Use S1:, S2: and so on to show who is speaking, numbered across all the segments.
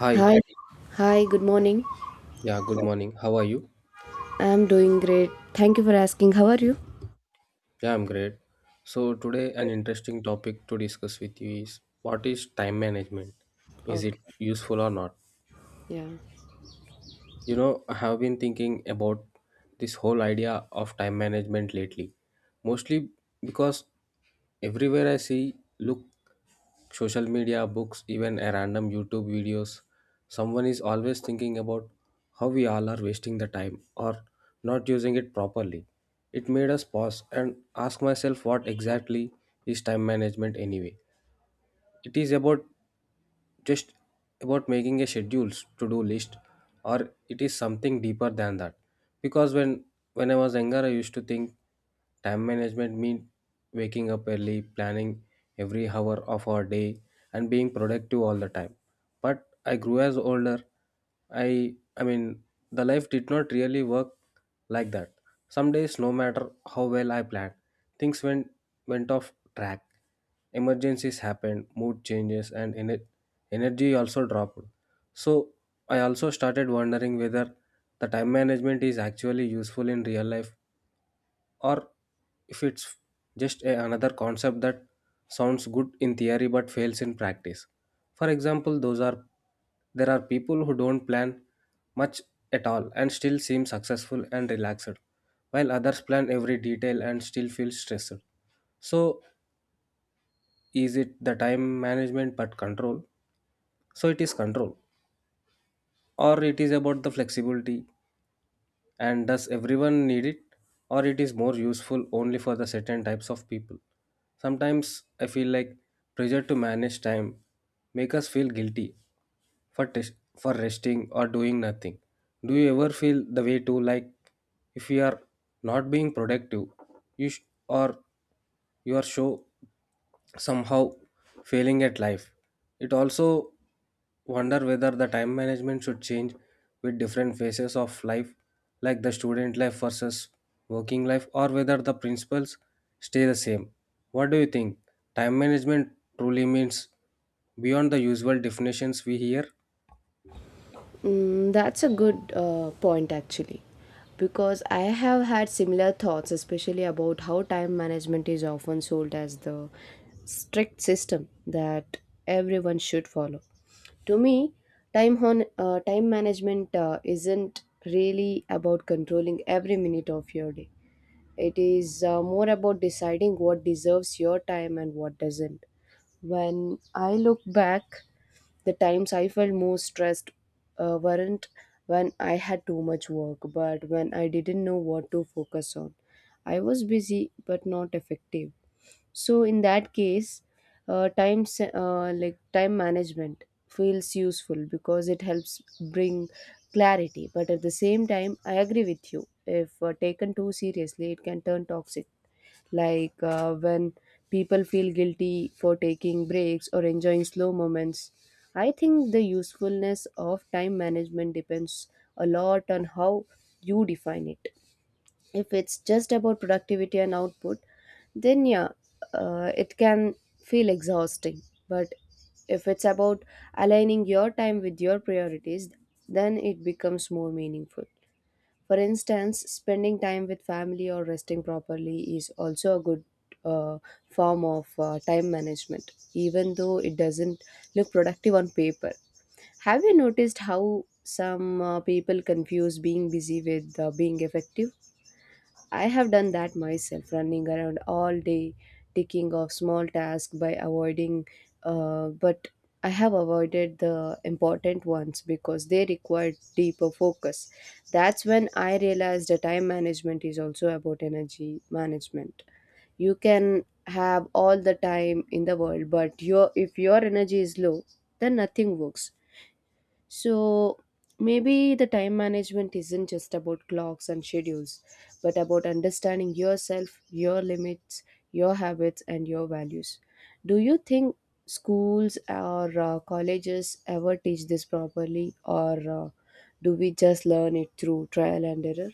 S1: Hi,
S2: Hi. Hi, good morning.
S1: yeah, good morning. How are you?
S2: I'm doing great. Thank you for asking. How are you?
S1: Yeah, I'm great. So, today, an interesting topic to discuss with you is what is time management? Is it
S2: Okay.
S1: useful or not?
S2: Yeah.
S1: You know, I have been thinking about this whole idea of time management lately, mostly because everywhere I see, look social media, books, even a random YouTube videos. Someone is always thinking about how we all are wasting the time or not using it properly. It made us pause and ask myself what exactly is time management anyway. It is about just about making a schedules to do list, or it is something deeper than that, because when I was younger I used to think time management mean waking up early, planning every hour of our day, and being productive all the time. But I grew as older. I mean the life did not really work like that. Some days, no matter how well I planned, things went off track. Emergencies happened, mood changes, and energy also dropped. So I also started wondering whether the time management is actually useful in real life, or if it's just another concept that sounds good in theory but fails in practice. For example, those are there are people who don't plan much at all and still seem successful and relaxed, while others plan every detail and still feel stressed. So is it the time management but control? So it is control, or it is about the flexibility? And does everyone need it? Or it is more useful only for the certain types of people? Sometimes I feel like pressure to manage time make us feel guilty for tes- for resting or doing nothing. Do you ever feel the way too, like if you are not being productive, you sh- or you are show somehow failing at life? It also wonder whether the time management should change with different phases of life, like the student life versus working life, or whether the principles stay the same. What do you think? Time management truly means beyond the usual definitions we hear?
S2: Mm, that's a good point actually. Because I have had similar thoughts, especially about how time management is often sold as the strict system that everyone should follow. To me, time management isn't really about controlling every minute of your day. It is more about deciding what deserves your time and what doesn't. When I look back, the times I felt most stressed weren't when I had too much work, but when I didn't know what to focus on. I was busy but not effective. So in that case, time se- like time management feels useful because it helps bring clarity. But at the same time, I agree with you. If taken too seriously, it can turn toxic like when people feel guilty for taking breaks or enjoying slow moments. I think the usefulness of time management depends a lot on how you define it. If it's just about productivity and output, then yeah, it can feel exhausting. But if it's about aligning your time with your priorities, then it becomes more meaningful. For instance, spending time with family or resting properly is also a good uh, form of time management, even though it doesn't look productive on paper. Have you noticed how some people confuse being busy with being effective? I have done that myself, running around all day, taking off small tasks by avoiding, but I have avoided the important ones because they required deeper focus. That's when I realized that time management is also about energy management. You can have all the time in the world, but your if your energy is low, then nothing works. So maybe the time management isn't just about clocks and schedules, but about understanding yourself, your limits, your habits, and your values. Do you think schools or colleges ever teach this properly, or uh, do we just learn it through trial and error?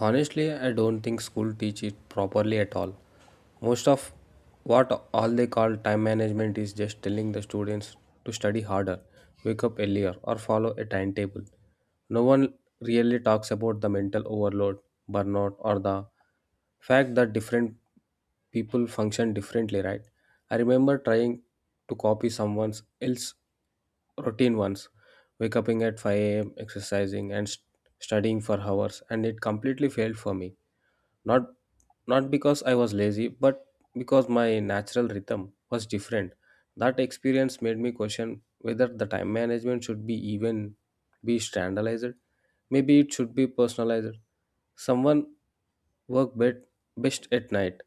S1: Honestly, I don't think school teach it properly at all. Most of what all they call time management is just telling the students to study harder, wake up earlier, or follow a timetable. No one really talks about the mental overload, burnout, or the fact that different people function differently, right? I remember trying to copy someone else routine ones, wake up at 5 a.m. exercising and studying for hours, and it completely failed for me, not not because I was lazy, but because my natural rhythm was different. That experience made me question whether the time management should be even be standardized. Maybe it should be personalized. Someone work bet- best at night,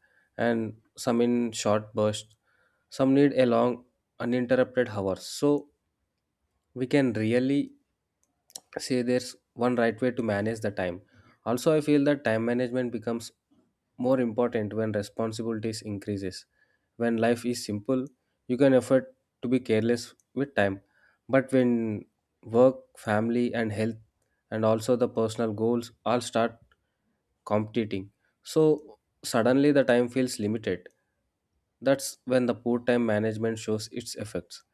S1: and some in short bursts, some need a long uninterrupted hours, so we can really say there's one right way to manage the time. Also, I feel that time management becomes more important when responsibilities increases. When life is simple, you can afford to be careless with time, but when work, family, and health, and also the personal goals all start competing, so suddenly the time feels limited. That's when the poor time management shows its effects.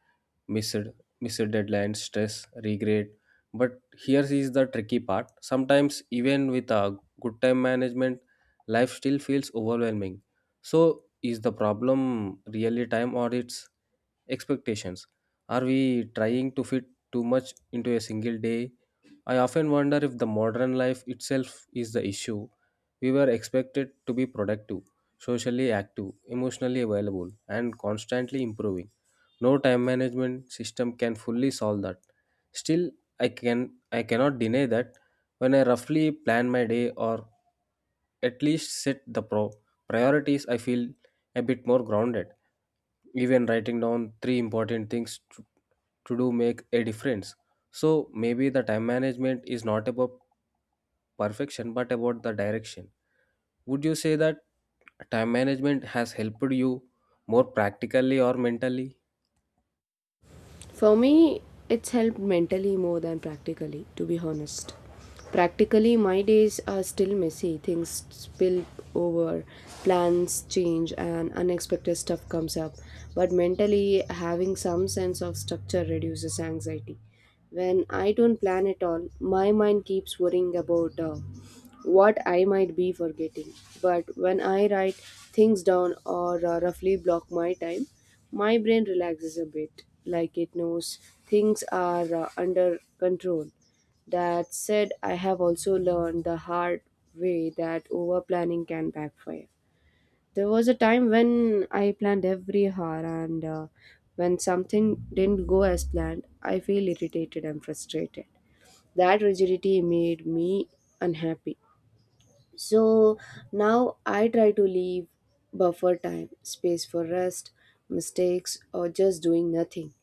S1: Missed, missed deadlines, stress, regret. But here is the tricky part. Sometimes, even with a good time management, life still feels overwhelming. So, is the problem really time or its expectations. Are we trying to fit too much into a single day? I often wonder if the modern life itself is the issue. We were expected to be productive, socially active, emotionally available, and constantly improving. No time management system can fully solve that. Still, I cannot deny that when I roughly plan my day, or at least set the pro priorities, I feel a bit more grounded. Even writing down three important things to do make a difference. So maybe the time management is not about perfection, but about the direction. Would you say that time management has helped you more practically or mentally?
S2: For me, it's helped mentally more than practically, to be honest. Practically, my days are still messy. Things spill over, plans change, and unexpected stuff comes up. But mentally, having some sense of structure reduces anxiety. When I don't plan at all, my mind keeps worrying about what I might be forgetting. But when I write things down or roughly block my time, my brain relaxes a bit, like it knows things are under control. That said, I have also learned the hard way that over planning can backfire. There was a time when I planned every hour, and when something didn't go as planned, I feel irritated and frustrated. That rigidity made me unhappy. So now I try to leave buffer time, space for rest, mistakes, or just doing nothing.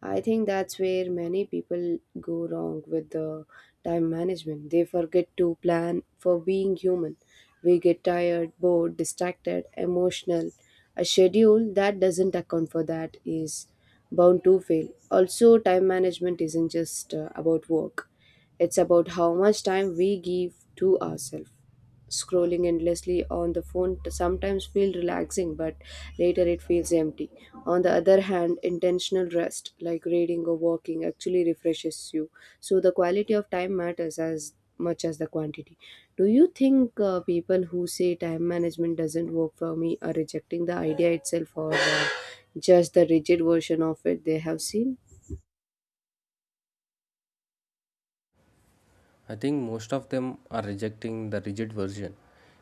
S2: I think that's where many people go wrong with the time management. They forget to plan for being human. We get tired, bored, distracted, emotional. A schedule that doesn't account for that is bound to fail. Also, time management isn't just about work, it's about how much time we give to ourselves. Scrolling endlessly on the phone t- Sometimes feels relaxing, but later it feels empty. On the other hand, intentional rest, like reading or walking, actually refreshes you. So the quality of time matters as much as the quantity. Do you think people who say time management doesn't work for me are rejecting the idea itself or just the rigid version of it they have seen?
S1: I think most of them are rejecting the rigid version,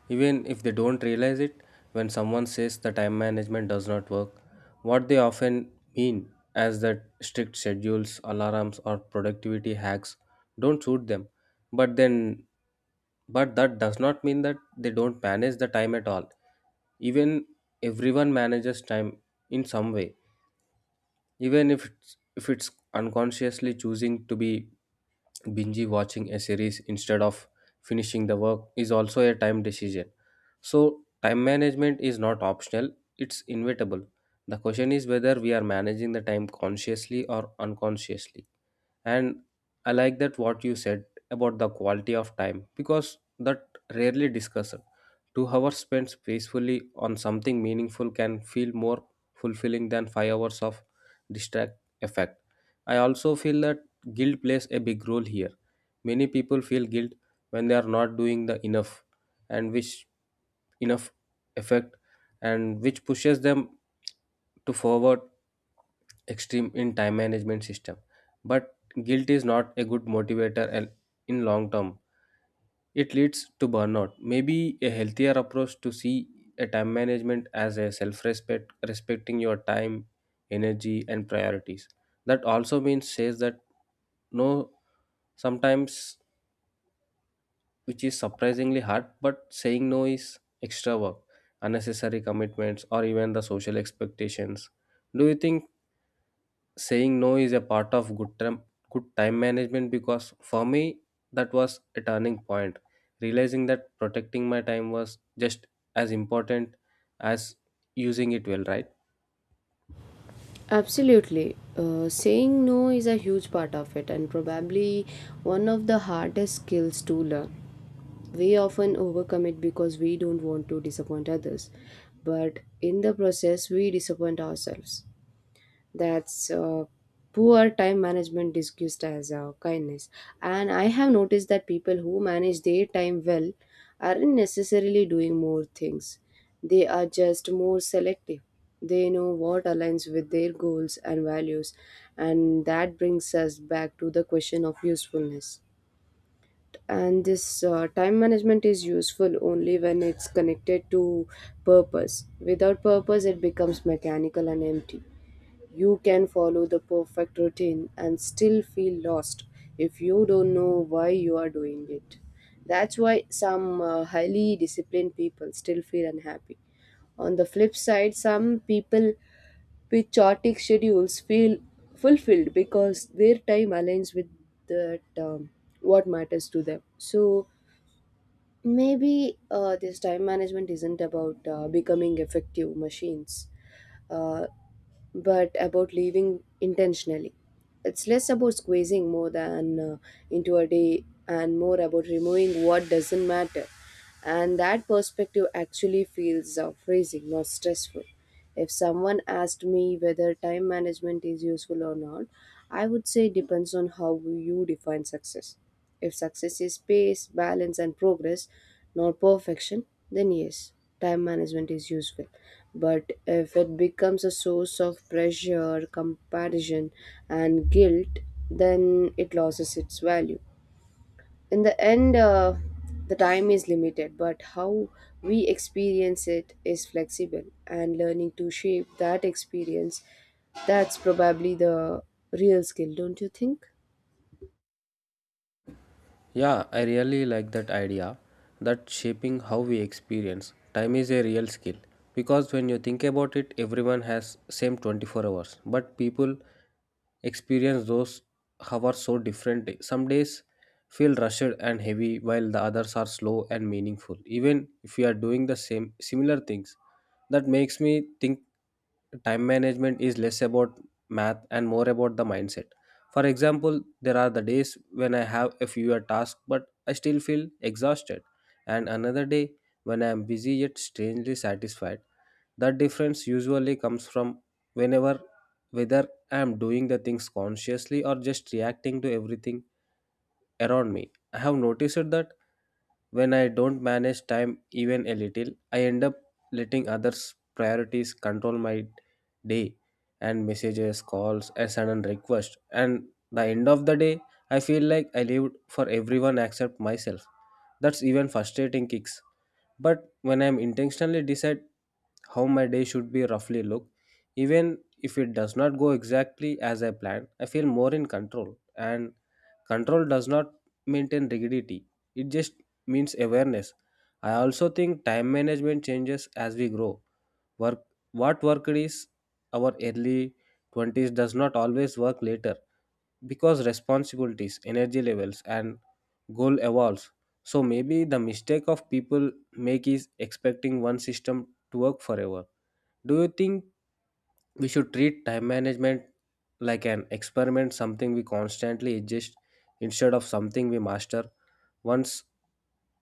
S1: even if they don't realize it. When someone says the time management does not work, what they often mean is that strict schedules, alarms, or productivity hacks don't suit them. But then, but that does not mean that they don't manage the time at all. Even Everyone manages time in some way, even if it's unconsciously choosing to be binge watching a series instead of finishing the work is also a time decision. So, time management is not optional, it's inevitable. The question is whether we are managing the time consciously or unconsciously. And I like that what you said about the quality of time, because that rarely discussed. 2 hours spent peacefully on something meaningful can feel more fulfilling than 5 hours of distract effect. I also feel that guilt plays a big role here. Many people feel guilt when they are not doing the enough, and which enough effect, and which pushes them to forward extreme in time management system. But guilt is not a good motivator, and in long term it leads to burnout. Maybe a healthier approach to see a time management as a self respecting your time, energy, and priorities. That also means says that no, sometimes, which is surprisingly hard, but saying no is extra work, unnecessary commitments, or even the social expectations. Do you think saying no is a part of good time management? Because for me, that was a turning point, realizing that protecting my time was just as important as using it well, right?
S2: Absolutely. Saying no is a huge part of it, and probably one of the hardest skills to learn. We often overcommit because we don't want to disappoint others, but in the process, we disappoint ourselves. That's poor time management disguised as kindness. And I have noticed that people who manage their time well aren't necessarily doing more things. They are just more selective. They know what aligns with their goals and values, and that brings us back to the question of usefulness. And this time management is useful only when it's connected to purpose. Without purpose it becomes mechanical and empty. You can follow the perfect routine and still feel lost if you don't know why you are doing it. That's why some highly disciplined people still feel unhappy. On the flip side, some people with chaotic schedules feel fulfilled because their time aligns with that what matters to them. So maybe this time management isn't about becoming effective machines. Uh, but about living intentionally. It's less about squeezing more than into a day and more about removing what doesn't matter. And that perspective actually feels freezing, not stressful. If someone asked me whether time management is useful or not, I would say it depends on how you define success. If success is pace, balance, and progress, not perfection, then yes, time management is useful. But if it becomes a source of pressure, comparison, and guilt, then it loses its value. In the end, the time is limited, but how we experience it is flexible, and learning to shape that experience, that's probably the real skill, don't you think?
S1: Yeah, I really like that idea that shaping how we experience time is a real skill, because when you think about it, everyone has same 24 hours, but people experience those hours so differently. Some days feel rushed and heavy, while the others are slow and meaningful, even if we are doing the same similar things. That makes me think time management is less about math and more about the mindset. For example, there are the days when I have a fewer tasks but I still feel exhausted, and another day when I am busy yet strangely satisfied. That difference usually comes from whenever whether I am doing the things consciously or just reacting to everything around me. I have noticed that when I don't manage time even a little, I end up letting others' priorities control my day, and messages, calls, and sudden requests. And the end of the day, I feel like I lived for everyone except myself. That's even frustrating kicks. But when I'm intentionally decide how my day should be roughly look. Even if it does not go exactly as I planned, I feel more in control. And control does not maintain rigidity, it just means awareness. I also think time management changes as we grow. Work What worked is our early 20s does not always work later, because responsibilities, energy levels, and goal evolves. So maybe the mistake of people make is expecting one system to work forever. Do you think we should treat time management like an experiment, something we constantly adjust instead of something we master once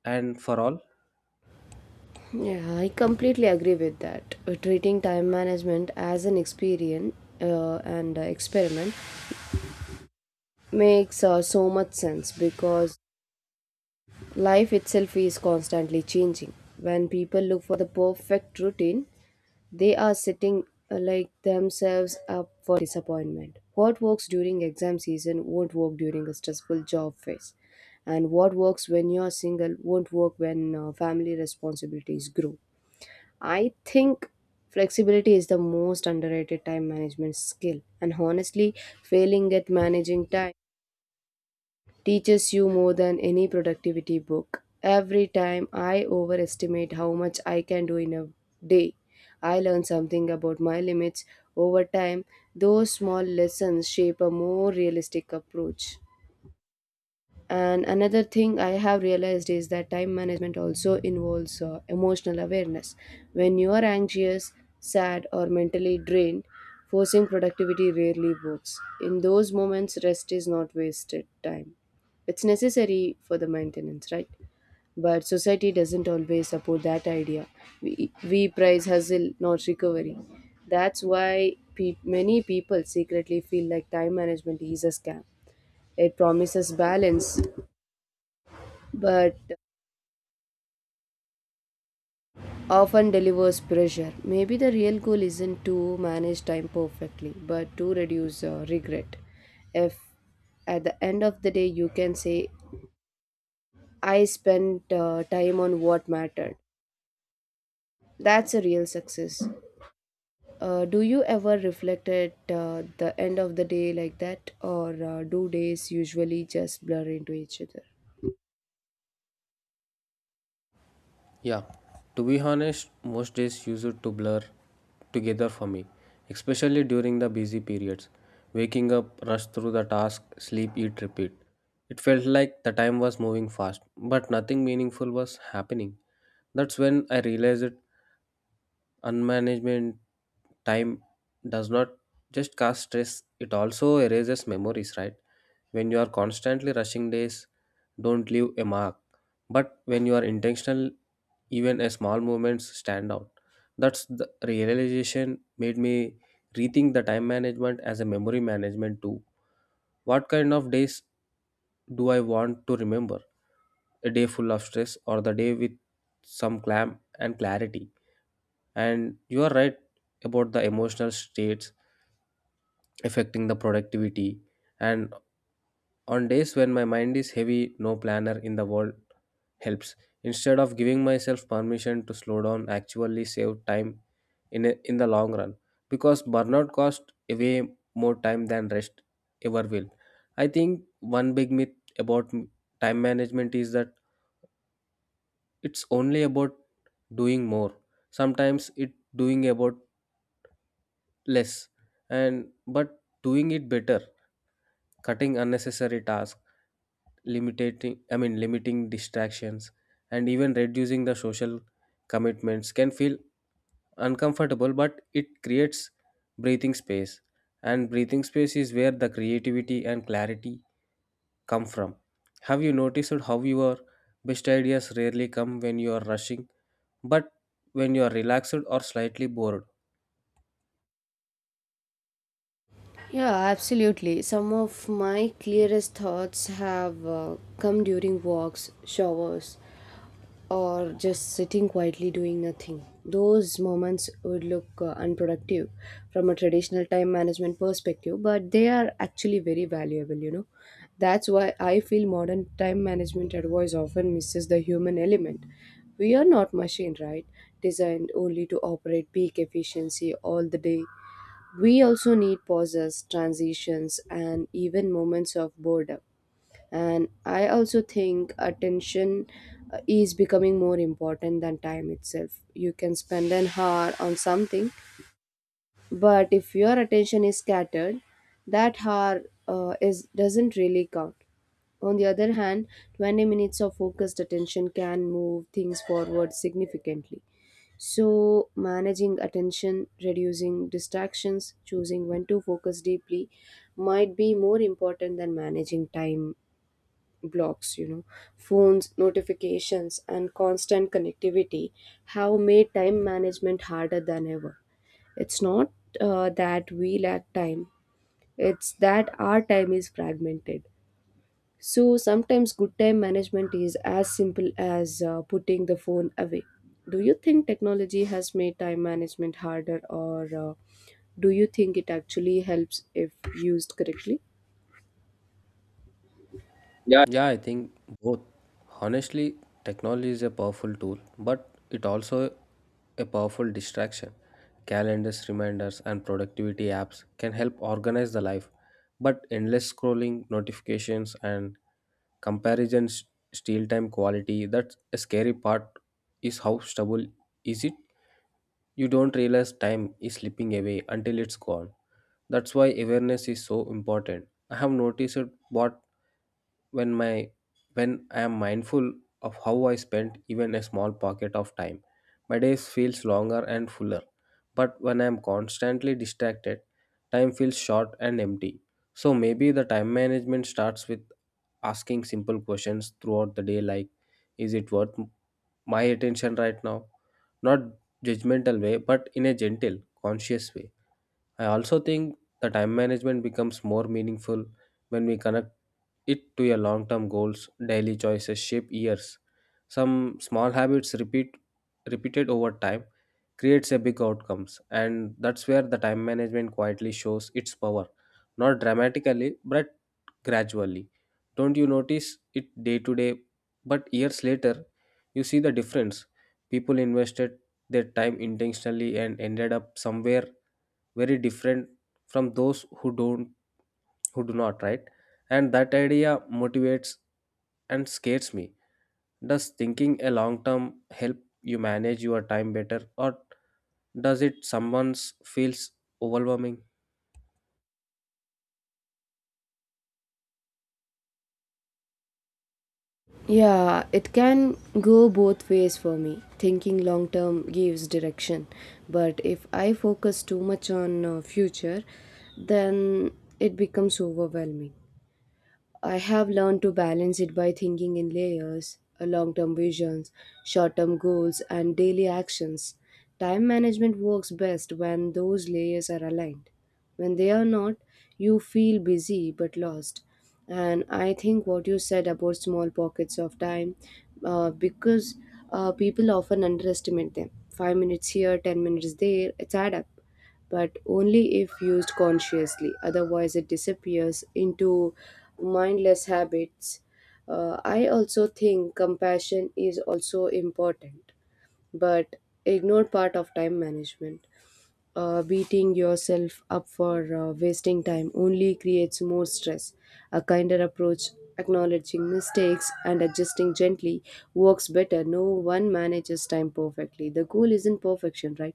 S1: and for all?
S2: Yeah, I completely agree with that. Treating time management as an experience and experiment makes so much sense because life itself is constantly changing. When people look for the perfect routine, they are setting like themselves up for disappointment. What works during exam season won't work during a stressful job phase, and what works when you're single won't work when family responsibilities grow. I think flexibility is the most underrated time management skill, and honestly, failing at managing time teaches you more than any productivity book. Every time I overestimate how much I can do in a day, I learn something about my limits over time. Those small lessons shape a more realistic approach. And another thing I have realized is that time management also involves emotional awareness. When you are anxious, sad, or mentally drained, forcing productivity rarely works. In those moments, rest is not wasted time. It's necessary for the maintenance, right? But society doesn't always support that idea. We prize hustle, not recovery. That's why many people secretly feel like time management is a scam. It promises balance but often delivers pressure. Maybe the real goal isn't to manage time perfectly, but to reduce regret. If at the end of the day you can say, I spent time on what mattered, that's a real success. Do you ever reflect at the end of the day like that, or do days usually just blur into each other?
S1: Yeah, to be honest, most days used to blur together for me, especially during the busy periods. Waking up, rush through the task, sleep, eat, repeat. It felt like the time was moving fast, but nothing meaningful was happening. That's when I realized unmanagement time does not just cause stress, it also erases memories, right? When you are constantly rushing, days don't leave a mark. But when you are intentional, even a small movements stand out. That's the realization made me rethink the time management as a memory management too. What kind of days do I want to remember? A day full of stress, or the day with some calm and clarity? And you are right about the emotional states affecting the productivity. And on days when my mind is heavy, no planner in the world helps. Instead of giving myself permission to slow down, I actually save time in the long run, because burnout costs way more time than rest ever will. I think one big myth about time management is that it's only about doing more. Sometimes it doing about less, and but doing it better. Cutting unnecessary tasks, limiting, I mean, limiting distractions, and even reducing the social commitments can feel uncomfortable, but it creates breathing space, and breathing space is where the creativity and clarity come from. Have you noticed how your best ideas rarely come when you are rushing, but when you are relaxed or slightly bored?
S2: Yeah, absolutely. Some of my clearest thoughts have come during walks, showers, or just sitting quietly doing nothing. Those moments would look unproductive from a traditional time management perspective, but they are actually very valuable, you know. That's why I feel modern time management advice often misses the human element. We are not machine, right? Designed only to operate peak efficiency all the day. We also need pauses, transitions, and even moments of boredom. And I also think attention is becoming more important than time itself. You can spend an hour on something, but if your attention is scattered, that hour is doesn't really count. On the other hand, 20 minutes of focused attention can move things forward significantly. So, managing attention, reducing distractions, choosing when to focus deeply might be more important than managing time blocks. You know, phones, notifications, and constant connectivity have made time management harder than ever. It's not that we lack time, it's that our time is fragmented. So sometimes good time management is as simple as putting the phone away. Do you think technology has made time management harder, or do you think it actually helps if used correctly? Yeah,
S1: Yeah, I think both. Honestly, technology is a powerful tool, but it also a powerful distraction. Calendars, reminders, and productivity apps can help organize the life, but endless scrolling, notifications, and comparisons steal time quality. That's a scary part. Is how stubble is it? You don't realize time is slipping away until it's gone. That's why awareness is so important. I have noticed what when my when I am mindful of how I spent even a small pocket of time, my days feels longer and fuller, but when I am constantly distracted, time feels short and empty. So maybe the time management starts with asking simple questions throughout the day, like, is it worth my attention right now? Not judgmental way, but in a gentle, conscious way. I also think the time management becomes more meaningful when we connect it to your long term goals. Daily choices shape years. Some small habits repeated over time creates a big outcomes, and that's where the time management quietly shows its power. Not dramatically, but gradually. Don't you notice it day to day, but years later you see the difference. People invested their time intentionally and ended up somewhere very different from those who do not, right? And that idea motivates and scares me. Does thinking a long term help you manage your time better, or does it someone's feels overwhelming?
S2: yeah, it can go both ways for me. Thinking long term gives direction, but if I focus too much on future, then it becomes overwhelming. I have learned to balance it by thinking in layers, long term visions, short term goals, and daily actions. Time management works best when those layers are aligned. When they are not, you feel busy but lost. And I think what you said about small pockets of time, because people often underestimate them. 5 minutes here, 10 minutes there, it's add up but only if used consciously. Otherwise, it disappears into mindless habits. I also think compassion is also important, but ignored part of time management. Beating yourself up for wasting time only creates more stress. A kinder approach, acknowledging mistakes and adjusting gently, works better. No one manages time perfectly. The goal isn't perfection, right?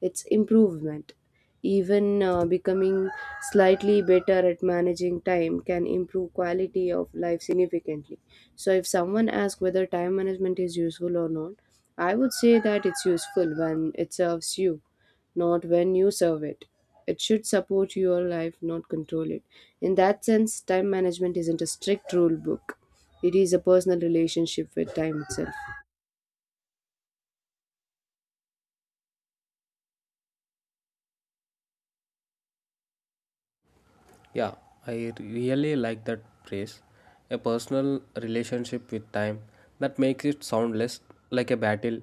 S2: It's improvement. Even becoming slightly better at managing time can improve quality of life significantly. So, if someone asks whether time management is useful or not, I would say that it's useful when it serves you, not when you serve it. It should support your life, not control it. In that sense, time management isn't a strict rule book, it is a personal relationship with time itself.
S1: Yeah, I really like that phrase. A personal relationship with time, that makes it sound less like a battle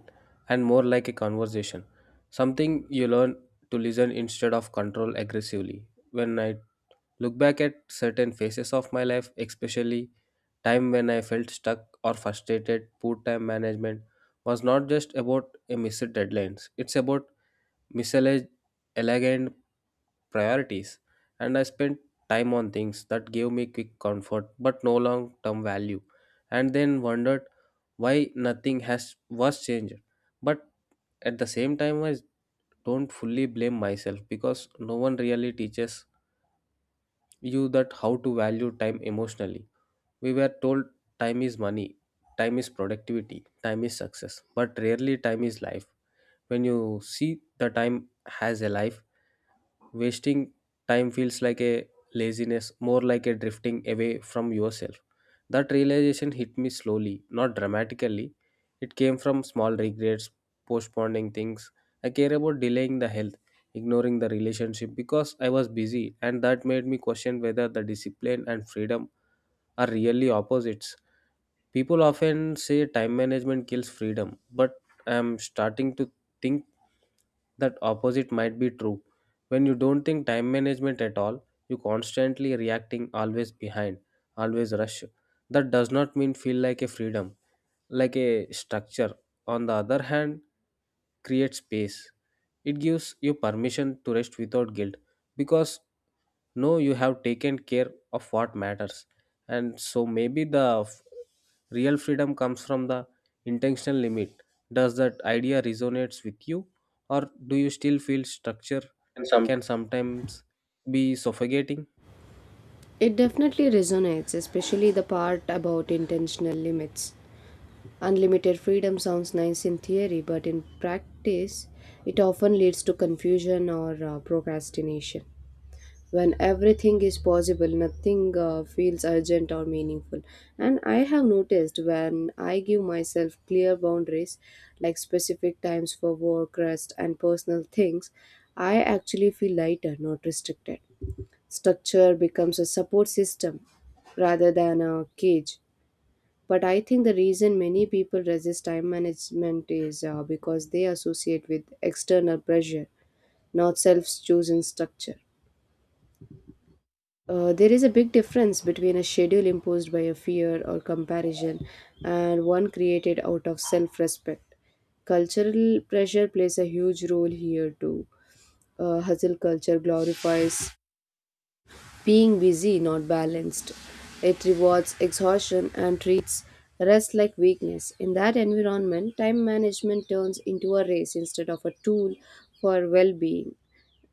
S1: and more like a conversation. Something you learn to listen instead of control aggressively. When I look back at certain phases of my life, especially time when I felt stuck or frustrated, poor time management was not just about a missed deadlines. It's about misaligned priorities, and I spent time on things that gave me quick comfort but no long term value, and then wondered why nothing has was changed. But at the same time, I don't fully blame myself because no one really teaches you that how to value time emotionally. We were told time is money, time is productivity, time is success, but rarely time is life. When you see the time has a life, wasting time feels like a laziness, more like a drifting away from yourself. That realization hit me slowly, not dramatically. It came from small regrets, postponing things I care about, delaying the health, ignoring the relationship because I was busy, and that made me question whether the discipline and freedom are really opposites. People often say time management kills freedom, but I'm starting to think that opposite might be true. When you don't think time management at all, you constantly reacting, always behind, always rush. That does not mean feel like a freedom, like a structure. On the other hand, create space. It gives you permission to rest without guilt because no you have taken care of what matters. And so maybe the real freedom comes from the intentional limit. Does that idea resonates with you, or do you still feel structure
S2: And some.
S1: can sometimes be suffocating?
S2: It definitely resonates, especially the part about intentional limits. Unlimited freedom sounds nice in theory, but in practice, it often leads to confusion or procrastination. When everything is possible, nothing feels urgent or meaningful. And I have noticed when I give myself clear boundaries, like specific times for work, rest and personal things, I actually feel lighter, not restricted. Structure becomes a support system rather than a cage. But I think the reason many people resist time management is because they associate with external pressure, not self chosen structure. There is a big difference between a schedule imposed by a fear or comparison and one created out of self respect. Cultural pressure plays a huge role here too. Hustle culture glorifies being busy, not balanced. It rewards exhaustion and treats rest like weakness. In that environment, time management turns into a race instead of a tool for well being.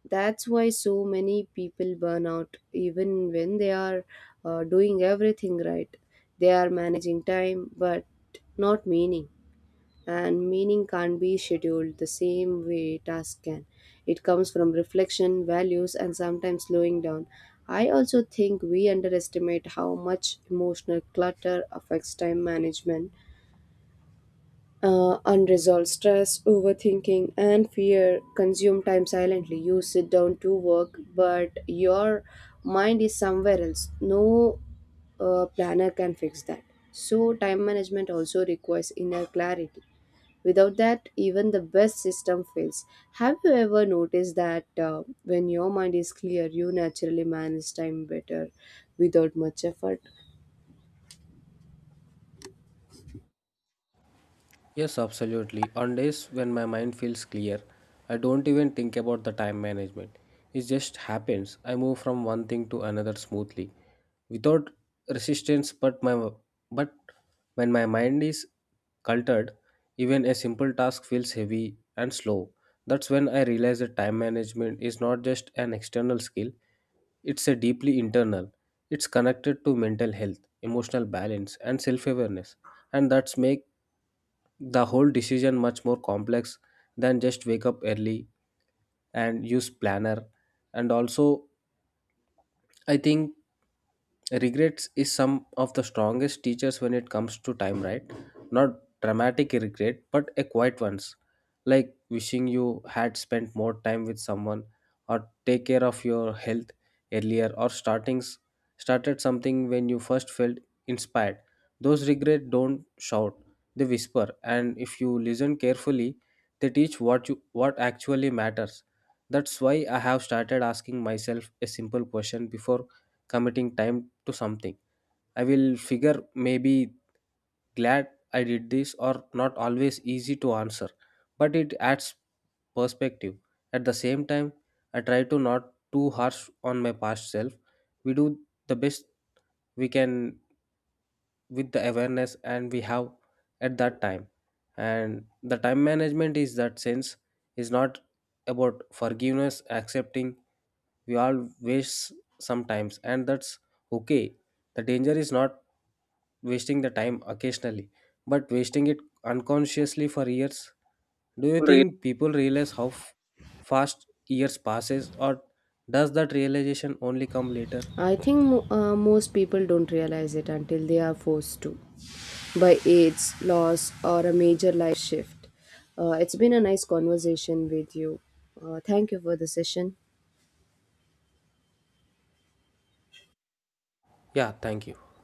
S2: That's why so many people burn out even when they are doing everything right. They are managing time but not meaning. And meaning can't be scheduled the same way tasks can. It comes from reflection, values, and sometimes slowing down. I also think we underestimate how much emotional clutter affects time management. Unresolved stress, overthinking, and fear consume time silently. You sit down to work, but your mind is somewhere else. No planner can fix that. So, time management also requires inner clarity. Without that, even the best system fails. Have you ever noticed that when your mind is clear, you naturally manage time better without much effort?
S1: Yes, absolutely. On days when my mind feels clear, I don't even think about the time management. It just happens. I move from one thing to another smoothly, without resistance. But when my mind is cultured, even a simple task feels heavy and slow. That's when I realize that time management is not just an external skill; it's a deeply internal. It's connected to mental health, emotional balance, and self-awareness, and that's make the whole decision much more complex than just wake up early and use planner. And also I think regrets is some of the strongest teachers when it comes to time, right? Not dramatic regret, but a quiet ones, like wishing you had spent more time with someone, or take care of your health earlier, or startings started something when you first felt inspired. Those regrets don't shout, they whisper, and if you listen carefully, they teach what actually matters. That's why I have started asking myself a simple question before committing time to something. I will figure maybe glad I did this or not, always easy to answer, but it adds perspective. At the same time, I try to not too harsh on my past self. We do the best we can with the awareness and we have at that time. And the time management is that sense is not about forgiveness, accepting we all waste sometimes, and that's okay. The danger is not wasting the time occasionally, but wasting it unconsciously for years. Do you think people realize how fast years passes, or does that realization only come later?
S2: I think most people don't realize it until they are forced to by AIDS, loss, or a major life shift. It's been a nice conversation with you. Thank you for the session.
S1: Yeah, thank you.